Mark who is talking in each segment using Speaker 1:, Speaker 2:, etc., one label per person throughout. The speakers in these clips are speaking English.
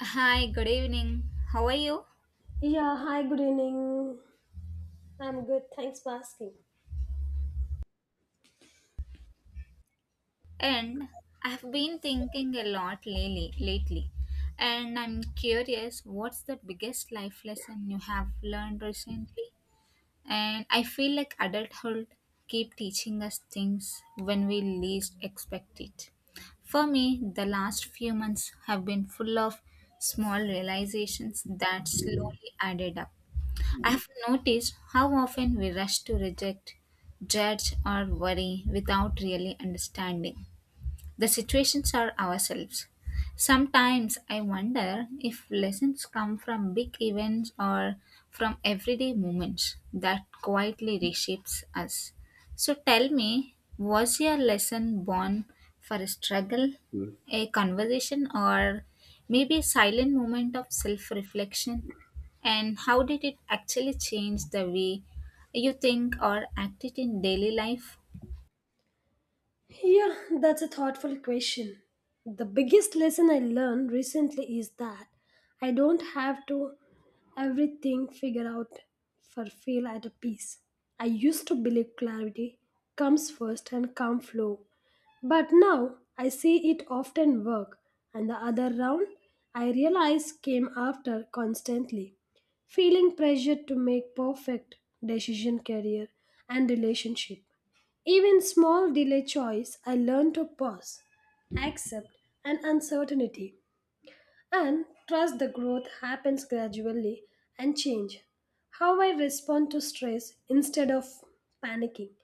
Speaker 1: Hi, good evening. How are you?
Speaker 2: Yeah, hi, good evening. I'm good. Thanks for asking.
Speaker 1: And I've been thinking a lot lately, and I'm curious what's the biggest life lesson you have learned recently? And I feel like adulthood keep teaching us things when we least expect it. For me, the last few months have been full of small realizations that slowly added up. I have noticed how often we rush to reject, judge, or worry without really understanding the situations are ourselves. Sometimes I wonder if lessons come from big events or from everyday moments that quietly reshapes us. So tell me, was your lesson born for a struggle, a conversation, or maybe a silent moment of self reflection? And how did it actually change the way you think or act it in daily life?
Speaker 2: Yeah, that's a thoughtful question. The biggest lesson I learned recently is that I don't have to everything figure out for feel at a peace. I used to believe clarity comes first and calm flow, but now I see it often work, and the other round I realize came after constantly, feeling pressure to make perfect decision, career, and relationship. Even small delay choice, I learn to pause, accept an uncertainty, and trust the growth happens gradually and change. How I respond to stress instead of panicking.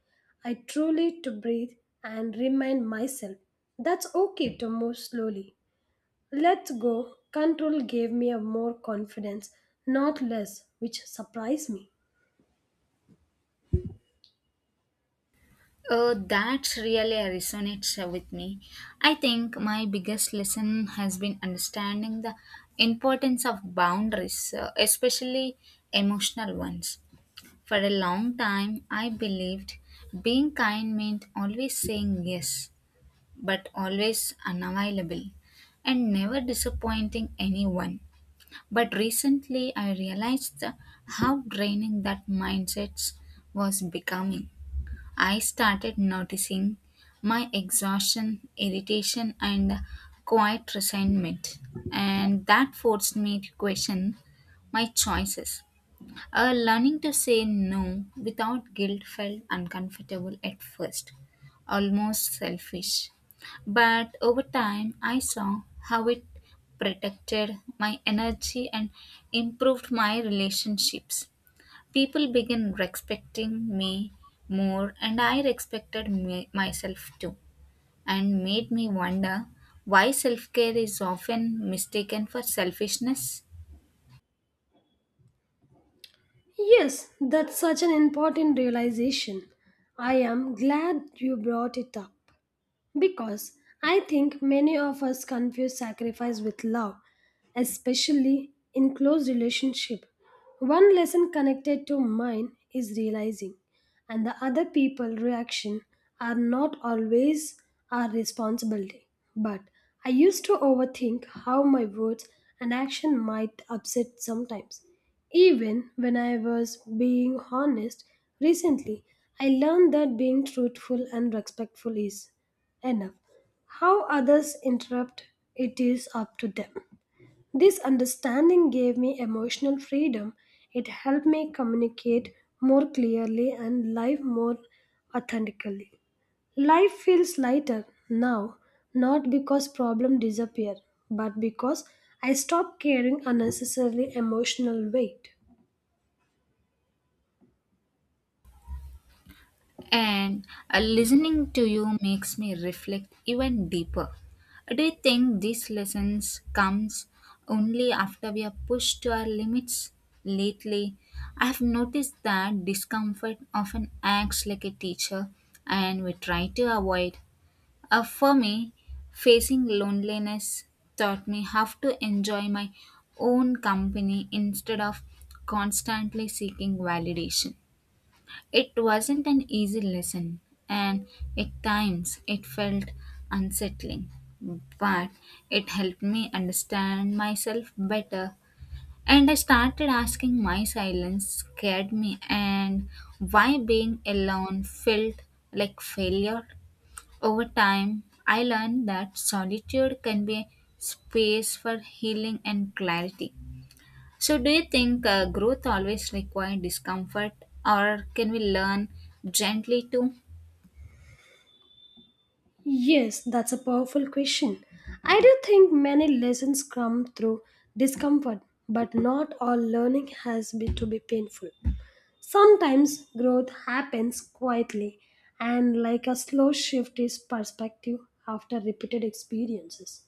Speaker 2: I truly to breathe and remind myself that's okay to move slowly. Let's go. Control gave me a more confidence, not less, which surprised me.
Speaker 1: Oh, that really resonates with me. I think my biggest lesson has been understanding the importance of boundaries, especially emotional ones. For a long time, I believed being kind meant always saying yes, but always unavailable and never disappointing anyone. But recently, I realized how draining that mindset was becoming. I started noticing my exhaustion, irritation, and quiet resentment, and that forced me to question my choices. Learning to say no without guilt felt uncomfortable at first, almost selfish. But over time, I saw how it protected my energy and improved my relationships. People began respecting me more, and I respected me, myself too, and made me wonder why self care is often mistaken for selfishness.
Speaker 2: Yes, that's such an important realization. I am glad you brought it up. Because I think many of us confuse sacrifice with love, especially in close relationship. One lesson connected to mine is realizing, and the other people reaction are not always our responsibility. But I used to overthink how my words and action might upset sometimes. Even when I was being honest recently, I learned that being truthful and respectful is enough. How others interrupt it is up to them. This understanding gave me emotional freedom. It helped me communicate more clearly and live more authentically. Life feels lighter now, not because problems disappear, but because I stop carrying unnecessarily emotional weight.
Speaker 1: And listening to you makes me reflect even deeper. Do you think these lessons comes only after we are pushed to our limits? Lately, I have noticed that discomfort often acts like a teacher and we try to avoid. For me, facing loneliness taught me how to enjoy my own company instead of constantly seeking validation. It wasn't an easy lesson, and at times it felt unsettling, but it helped me understand myself better and I started asking my silence scared me and why being alone felt like failure. Over time, I learned that solitude can be a space for healing and clarity. So, do you think growth always requires discomfort, or can we learn gently too?
Speaker 2: Yes, that's a powerful question. I do think many lessons come through discomfort, but not all learning has been to be painful. Sometimes growth happens quietly and like a slow shift is perspective after repeated experiences.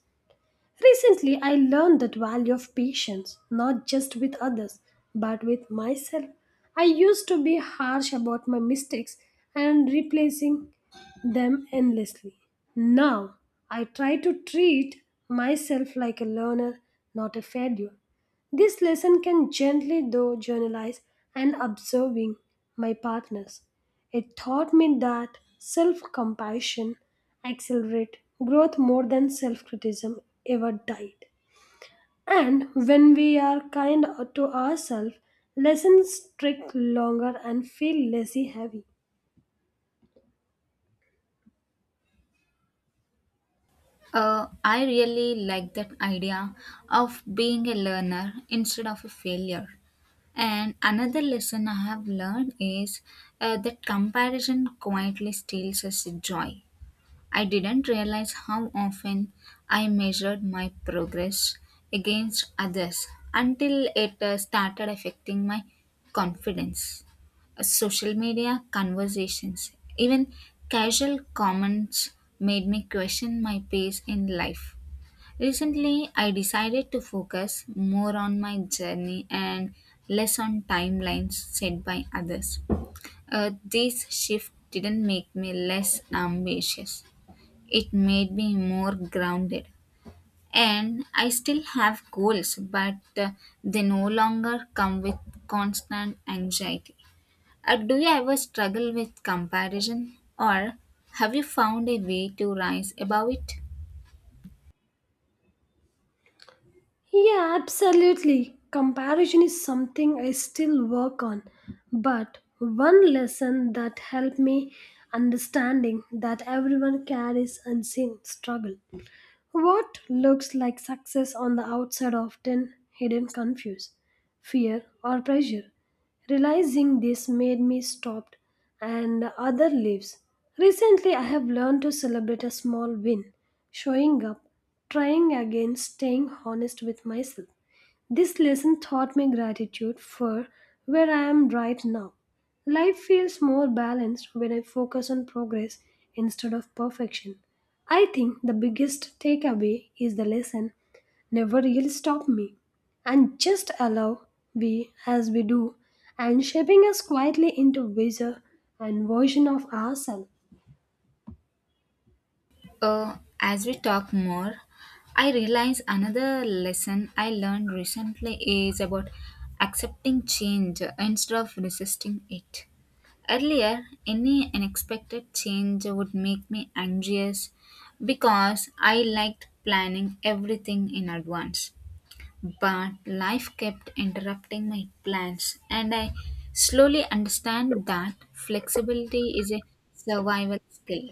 Speaker 2: Recently, I learned the value of patience, not just with others, but with myself. I used to be harsh about my mistakes and replacing them endlessly. Now, I try to treat myself like a learner, not a failure. This lesson can gently, though, journalize and observing my partners. It taught me that self compassion accelerate growth more than self criticism ever died. And when we are kind to ourselves, lessons stick longer and feel lazy heavy.
Speaker 1: I really like that idea of being a learner instead of a failure. And another lesson I have learned is that comparison quietly steals us joy. I didn't realize how often I measured my progress against others until it started affecting my confidence. Social media conversations, even casual comments, made me question my pace in life. Recently, I decided to focus more on my journey and less on timelines set by others. This shift didn't make me less ambitious, it made me more grounded. And I still have goals, but they no longer come with constant anxiety. Do you ever struggle with comparison, or have you found a way to rise above it?
Speaker 2: Yeah, absolutely. Comparison is something I still work on. But one lesson that helped me understanding that everyone carries unseen struggle. What looks like success on the outside often hidden confuse, fear or pressure. Realizing this made me stop and other leaves. Recently I have learned to celebrate a small win, showing up, trying again, staying honest with myself. This lesson taught me gratitude for where I am right now. Life feels more balanced when I focus on progress instead of perfection. I think the biggest takeaway is the lesson never really stop me and just allow we as we do and shaping us quietly into wiser and version of ourselves.
Speaker 1: As we talk more, I realize another lesson I learned recently is about accepting change instead of resisting it. Earlier, any unexpected change would make me anxious because I liked planning everything in advance. But life kept interrupting my plans, and I slowly understand that flexibility is a survival skill.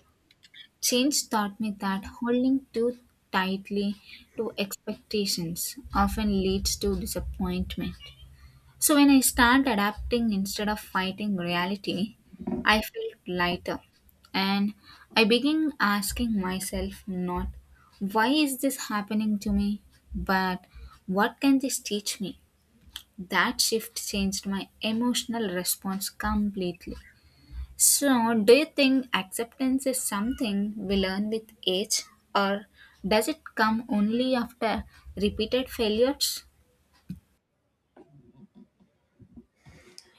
Speaker 1: Change taught me that holding too tightly to expectations often leads to disappointment. So, when I start adapting instead of fighting reality, I felt lighter and I began asking myself not why is this happening to me, but what can this teach me? That shift changed my emotional response completely. So, do you think acceptance is something we learn with age, or does it come only after repeated failures?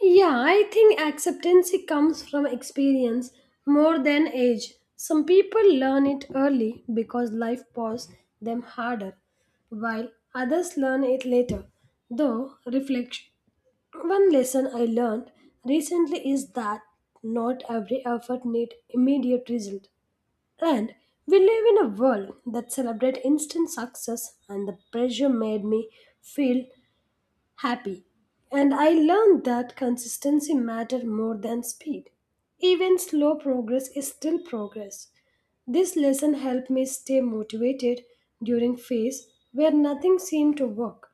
Speaker 2: Yeah, I think acceptance comes from experience more than age. Some people learn it early because life poses them harder, while others learn it later, though reflect. One lesson I learned recently is that not every effort needs immediate result. And we live in a world that celebrates instant success and the pressure made me feel happy. And I learned that consistency matter more than speed. Even slow progress is still progress. This lesson helped me stay motivated during phase where nothing seemed to work.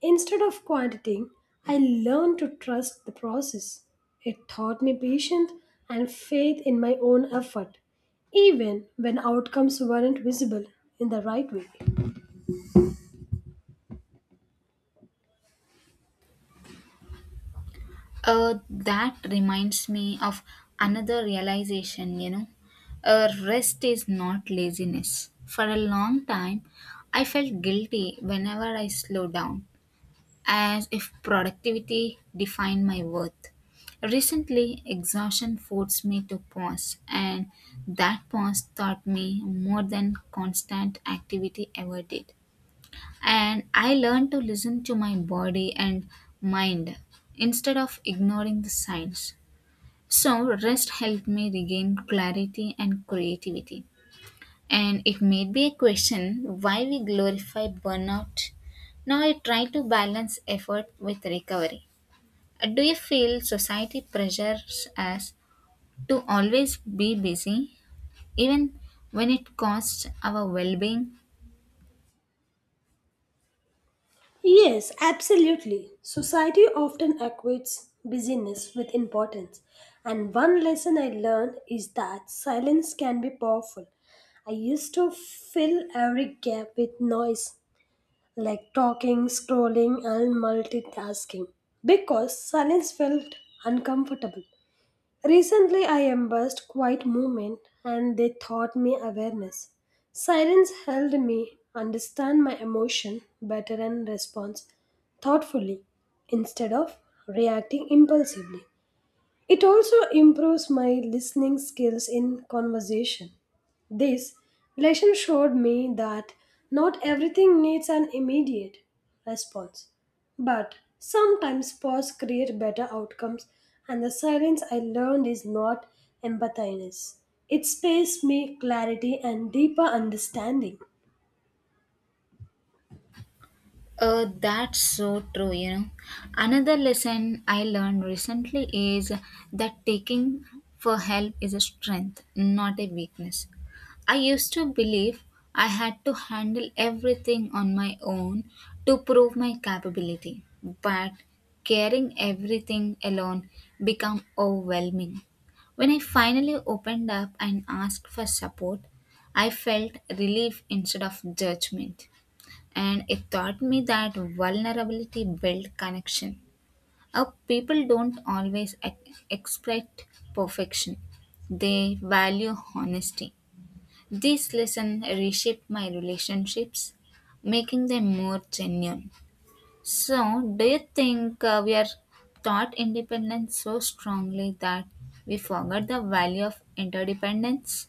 Speaker 2: Instead of quieting, I learned to trust the process. It taught me patience and faith in my own effort, even when outcomes weren't visible in the right way.
Speaker 1: That reminds me of another realization, you know. Rest is not laziness. For a long time, I felt guilty whenever I slowed down, as if productivity defined my worth. Recently, exhaustion forced me to pause, and that pause taught me more than constant activity ever did. And I learned to listen to my body and mind instead of ignoring the signs. So, rest helped me regain clarity and creativity. And it made me question why we glorify burnout. Now I try to balance effort with recovery. Do you feel society pressures us to always be busy, even when it costs our well being?
Speaker 2: Yes, absolutely. Society often equates busyness with importance. And one lesson I learned is that silence can be powerful. I used to fill every gap with noise, like talking, scrolling, and multitasking, because silence felt uncomfortable. Recently, I embraced quiet movement and they taught me awareness. Silence helped me understand my emotion better and respond thoughtfully instead of reacting impulsively. It also improves my listening skills in conversation. This lesson showed me that not everything needs an immediate response, but sometimes pause create better outcomes and the silence I learned is not empathiness. It space me clarity and deeper understanding.
Speaker 1: That's so true, you know. Another lesson I learned recently is that taking for help is a strength, not a weakness. I used to believe I had to handle everything on my own to prove my capability, but carrying everything alone became overwhelming. When I finally opened up and asked for support, I felt relief instead of judgment and it taught me that vulnerability builds connection. Our people don't always expect perfection; they value honesty. This lesson reshaped my relationships, making them more genuine. So, do you think we are taught independence so strongly that we forget the value of interdependence?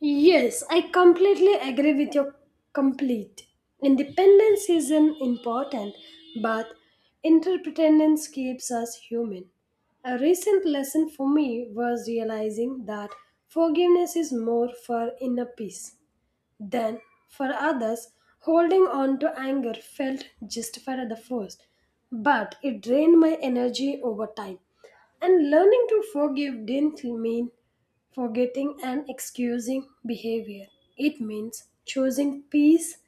Speaker 2: Yes, I completely agree with your complete. Independence is an important, but interdependence keeps us human. A recent lesson for me was realizing that forgiveness is more for inner peace. Then, for others, holding on to anger felt justified at the first, but it drained my energy over time. And learning to forgive didn't mean forgetting and excusing behavior. It means choosing peace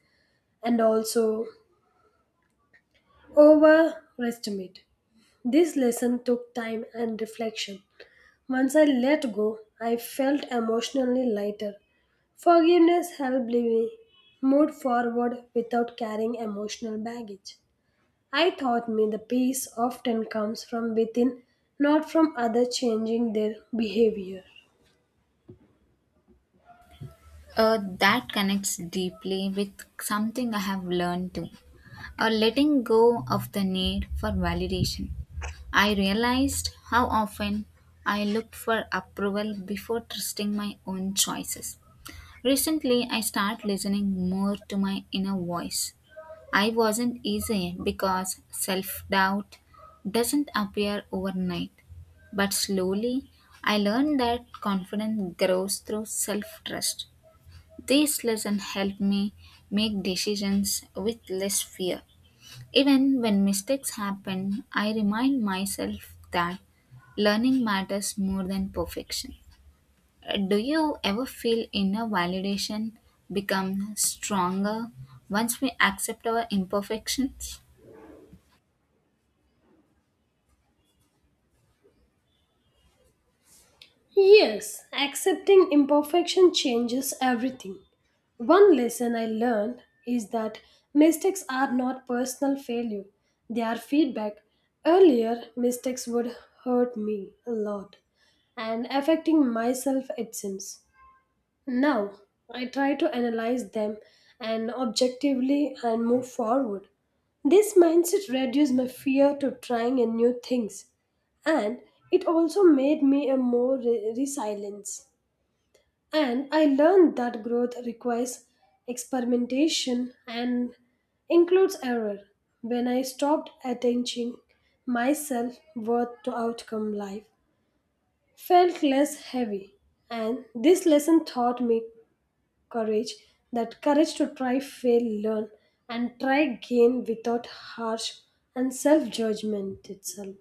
Speaker 2: and also overestimate. This lesson took time and reflection. Once I let go, I felt emotionally lighter. Forgiveness helped me move forward without carrying emotional baggage. I taught me the peace often comes from within, not from others changing their behavior.
Speaker 1: That connects deeply with something I have learned too. Letting go of the need for validation. I realized how often I looked for approval before trusting my own choices. Recently, I started listening more to my inner voice. I wasn't easy because self doubt doesn't appear overnight, but slowly I learned that confidence grows through self trust. This lesson helped me make decisions with less fear. Even when mistakes happen, I remind myself that learning matters more than perfection. Do you ever feel inner validation become stronger once we accept our imperfections?
Speaker 2: Yes, accepting imperfection changes everything. One lesson I learned is that mistakes are not personal failure, they are feedback. Earlier, mistakes would hurt me a lot and affecting myself, it seems. Now, I try to analyze them and objectively and move forward. This mindset reduced my fear to trying and new things and it also made me a more resilience. And I learned that growth requires experimentation and includes error. When I stopped attaching myself worth to outcome life, felt less heavy. And this lesson taught me courage, that courage to try, fail, learn, and try again without harsh and self judgment itself.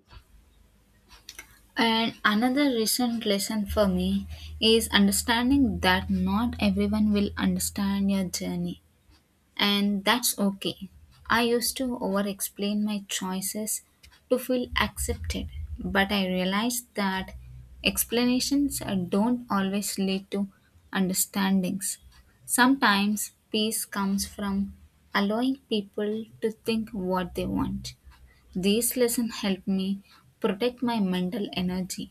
Speaker 1: And another recent lesson for me is understanding that not everyone will understand your journey, and that's okay. I used to over explain my choices to feel accepted, but I realized that explanations don't always lead to understandings. Sometimes peace comes from allowing people to think what they want. These lessons help me protect my mental energy.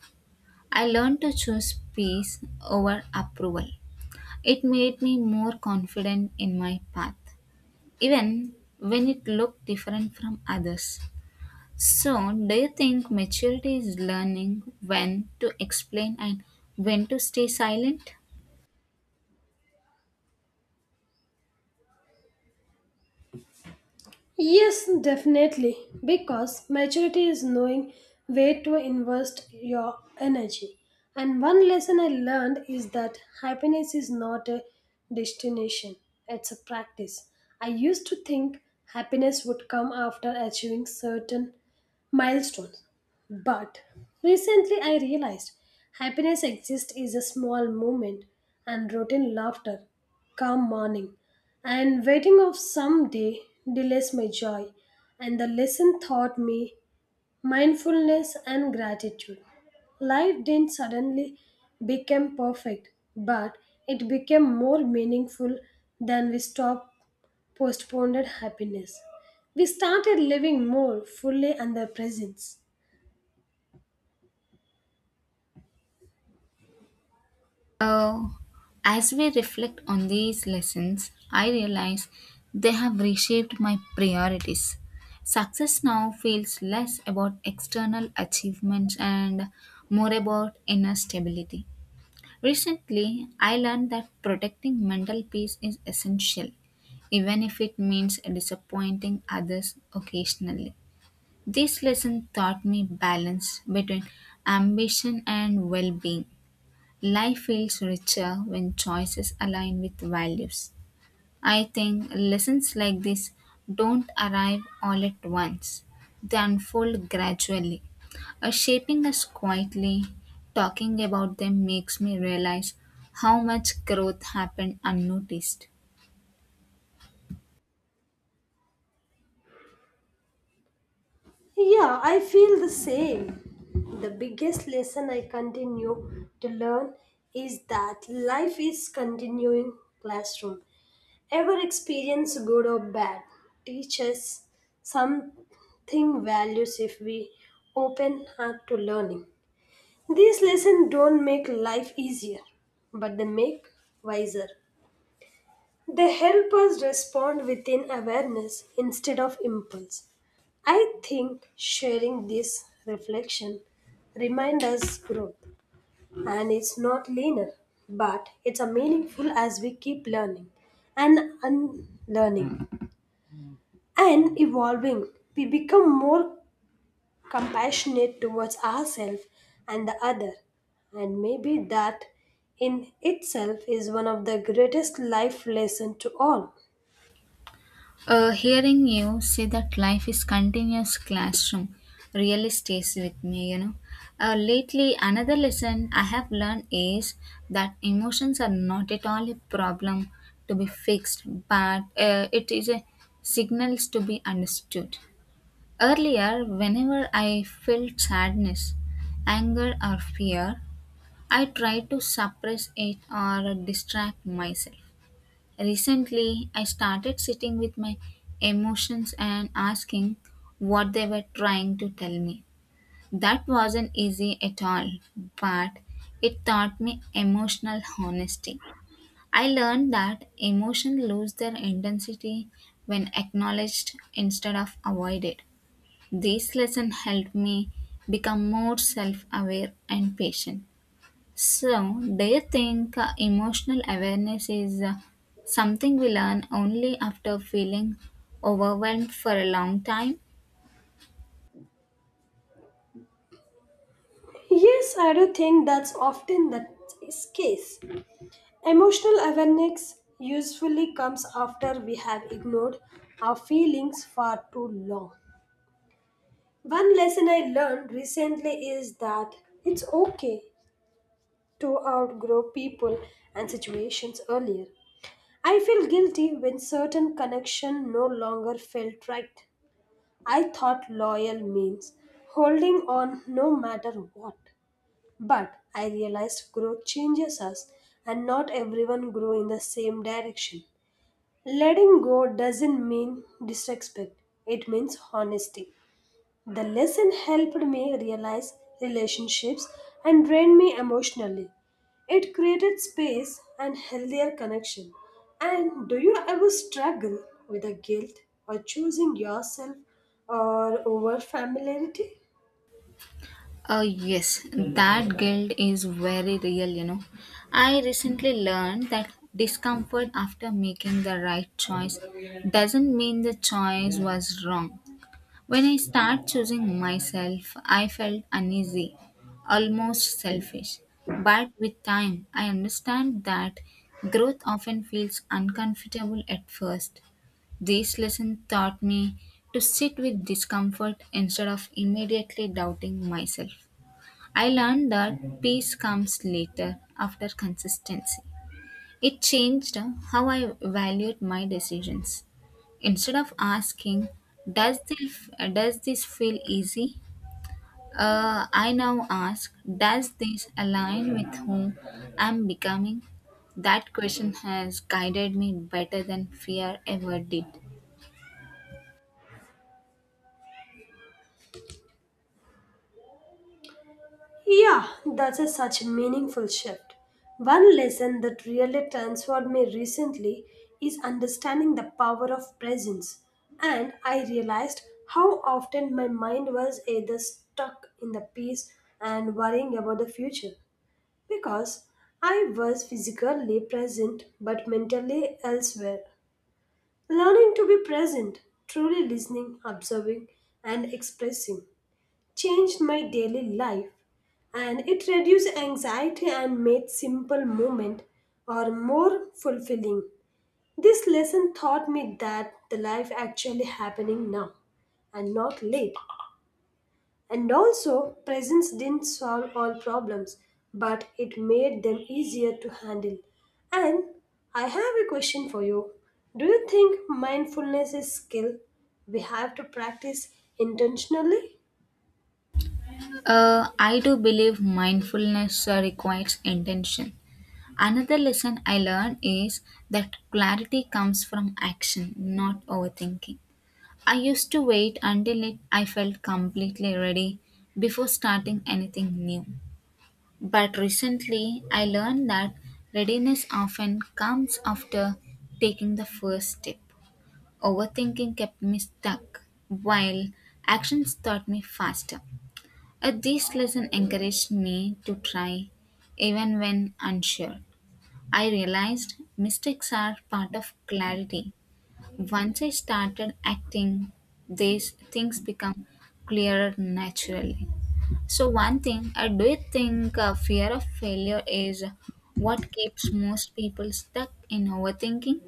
Speaker 1: I learned to choose peace over approval. It made me more confident in my path even when it looked different from others. So, do you think maturity is learning when to explain and when to stay silent?
Speaker 2: Yes, definitely, because maturity is knowing where to invest your energy. And one lesson I learned is that happiness is not a destination, it's a practice. I used to think happiness would come after achieving certain milestones, but recently I realized happiness exists is a small moment and routine laughter, calm morning, and waiting of some day delays my joy and the lesson taught me mindfulness and gratitude. Life didn't suddenly become perfect, but it became more meaningful than we stopped postponed happiness, we started living more fully in the presence.
Speaker 1: Uh, as we reflect on these lessons, I realize they have reshaped my priorities. Success now feels less about external achievements and more about inner stability. Recently, I learned that protecting mental peace is essential, even if it means disappointing others occasionally. This lesson taught me balance between ambition and well being. Life feels richer when choices align with values. I think lessons like this don't arrive all at once, they unfold gradually. Shaping us quietly, talking about them makes me realize how much growth happened unnoticed.
Speaker 2: Yeah, I feel the same. The biggest lesson I continue to learn is that life is continuing classroom. Ever experience, good or bad, teaches something values if we open up to learning. These lessons don't make life easier, but they make wiser. They help us respond within awareness instead of impulse. I think sharing this reflection reminds us growth and it's not linear, but it's a meaningful as we keep learning and unlearning, and evolving, we become more compassionate towards ourselves and the other. And maybe that in itself is one of the greatest life lessons to all.
Speaker 1: Hearing you say that life is continuous classroom really stays with me, you know. Lately, another lesson I have learned is that emotions are not at all a problem to be fixed, but it is a signals to be understood. Earlier, whenever I felt sadness, anger, or fear, I tried to suppress it or distract myself. Recently, I started sitting with my emotions and asking what they were trying to tell me. That wasn't easy at all, but it taught me emotional honesty. I learned that emotions lose their intensity when acknowledged instead of avoided. This lesson helped me become more self aware and patient. So, do you think emotional awareness is something we learn only after feeling overwhelmed for a long time?
Speaker 2: Yes, I do think that's often the case. Emotional awareness usually comes after we have ignored our feelings for too long. One lesson I learned recently is that it's okay to outgrow people and situations earlier. I feel guilty when certain connection no longer felt right. I thought loyal means holding on no matter what. But I realized growth changes us and not everyone grow in the same direction. Letting go doesn't mean disrespect. It means honesty. The lesson helped me realize relationships and drained me emotionally. It created space and healthier connection. And do you ever struggle with the guilt or choosing yourself or over familiarity?
Speaker 1: Oh, yes, that guilt is very real, you know. I recently learned that discomfort after making the right choice doesn't mean the choice was wrong. When I started choosing myself, I felt uneasy, almost selfish. But with time, I understand that growth often feels uncomfortable at first. This lesson taught me to sit with discomfort instead of immediately doubting myself. I learned that peace comes later after consistency. It changed how I valued my decisions. Instead of asking, does this feel easy? I now ask, does this align with whom I'm becoming? That question has guided me better than fear ever did.
Speaker 2: Yeah, that's a such meaningful shift. One lesson that really transformed me recently is understanding the power of presence. And I realized how often my mind was either stuck in the past and worrying about the future because I was physically present but mentally elsewhere. Learning to be present, truly listening, observing, and expressing changed my daily life and it reduced anxiety and made simple moment or more fulfilling. This lesson taught me that the life actually happening now and not late, and also presence didn't solve all problems, but it made them easier to handle. And I have a question for you: do you think mindfulness is skill we have to practice intentionally?
Speaker 1: I do believe mindfulness requires intention. Another lesson I learned is that clarity comes from action, not overthinking. I used to wait until it, I felt completely ready before starting anything new. But recently, I learned that readiness often comes after taking the first step. Overthinking kept me stuck, while actions taught me faster. This lesson encouraged me to try even when unsure. I realized mistakes are part of clarity once I started acting, these things become clearer naturally. So, one thing I do think fear of failure is what keeps most people stuck in overthinking.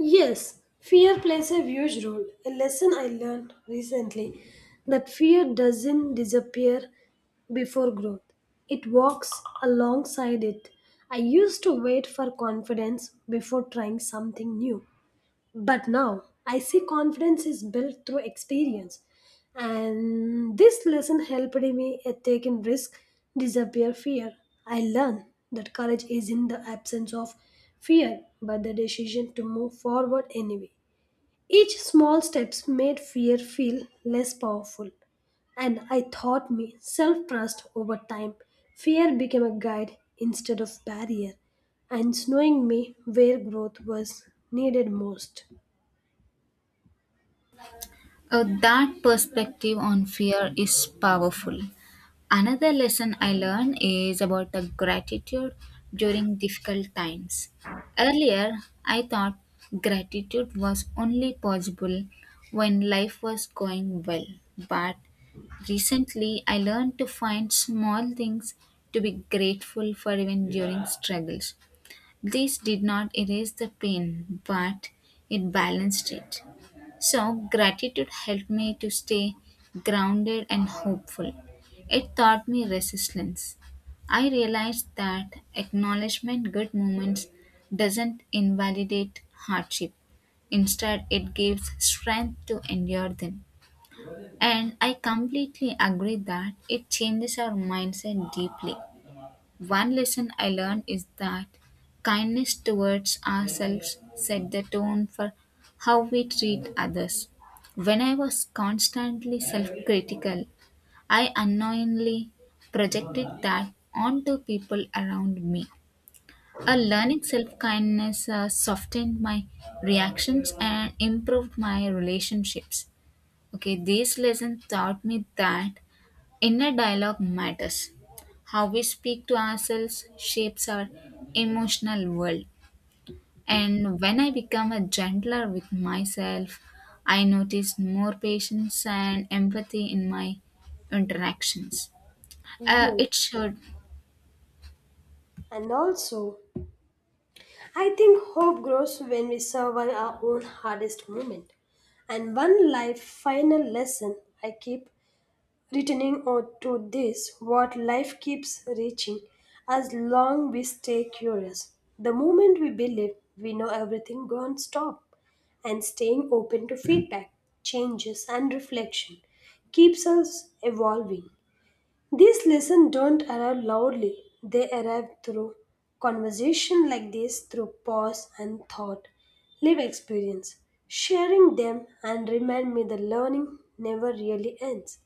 Speaker 2: Yes, fear plays a huge role. A lesson I learned recently that fear doesn't disappear before growth. It walks alongside it. I used to wait for confidence before trying something new. But now I see confidence is built through experience, and this lesson helped me at taking risk, disappear fear. I learned that courage is in the absence of fear, but the decision to move forward anyway. Each small steps made fear feel less powerful, and I taught me self-trust over time. Fear became a guide instead of barrier, and showing me where growth was needed most.
Speaker 1: That perspective on fear is powerful. Another lesson I learned is about the gratitude during difficult times. Earlier, I thought gratitude was only possible when life was going well, but recently I learned to find small things to be grateful for even during struggles. This did not erase the pain, but it balanced it. So, gratitude helped me to stay grounded and hopeful. It taught me resilience. I realized that acknowledgement good moments doesn't invalidate hardship. Instead, it gives strength to endure them. And I completely agree that it changes our mindset deeply. One lesson I learned is that kindness towards ourselves set the tone for how we treat others. When I was constantly self critical, I unknowingly projected that onto people around me. A learning self kindness softened my reactions and improved my relationships. Okay, this lesson taught me that inner dialogue matters. How we speak to ourselves shapes our emotional world. And when I become a gentler with myself, I notice more patience and empathy in my interactions. Uh,
Speaker 2: Yes.
Speaker 1: it should
Speaker 2: And also, I think hope grows when we survive our own hardest moment. And one life final lesson I keep returning on to this what life keeps reaching as long we stay curious. The moment we believe we know everything, gone stop. And staying open to feedback, changes, and reflection keeps us evolving. These lessons don't arrive loudly, they arrive through conversation like this, through pause and thought, live experience. Sharing them and remind me the learning never really ends.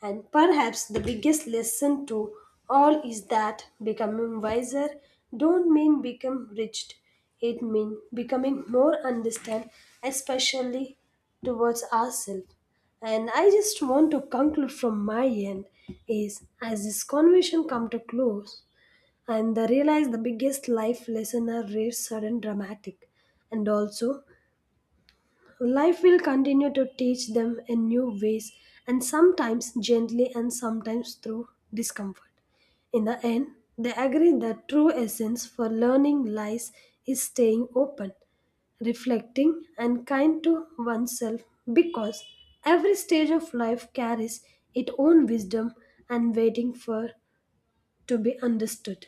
Speaker 2: And perhaps the biggest lesson to all is that becoming wiser don't mean become rigid. It means becoming more understand, especially towards ourselves. And I just want to conclude from my end is as this conversation come to close and I realize the biggest life lesson are rare, sudden, dramatic, and also life will continue to teach them in new ways, and sometimes gently and sometimes through discomfort. In the end, they agree that true essence for learning lies is staying open, reflecting, and kind to oneself because every stage of life carries its own wisdom and waiting for to be understood.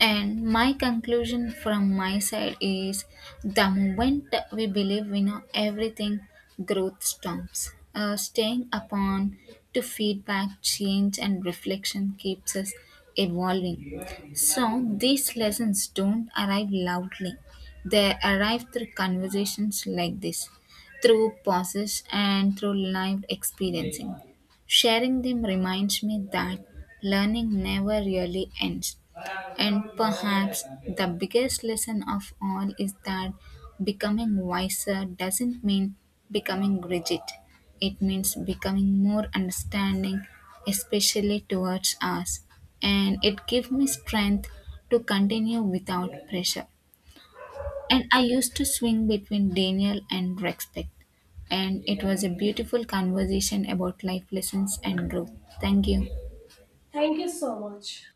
Speaker 1: And my conclusion from my side is the moment we believe we know everything, growth stops. Staying upon to feedback, change, and reflection keeps us evolving. So these lessons don't arrive loudly, they arrive through conversations like this, through pauses, and through live experiencing. Sharing them reminds me that learning never really ends and perhaps the biggest lesson of all is that becoming wiser doesn't mean becoming rigid. It means becoming more understanding, especially towards us. And it gave me strength to continue without pressure. And I used to swing between Daniel and respect. And it was a beautiful conversation about life lessons and growth. Thank you.
Speaker 2: Thank you so much.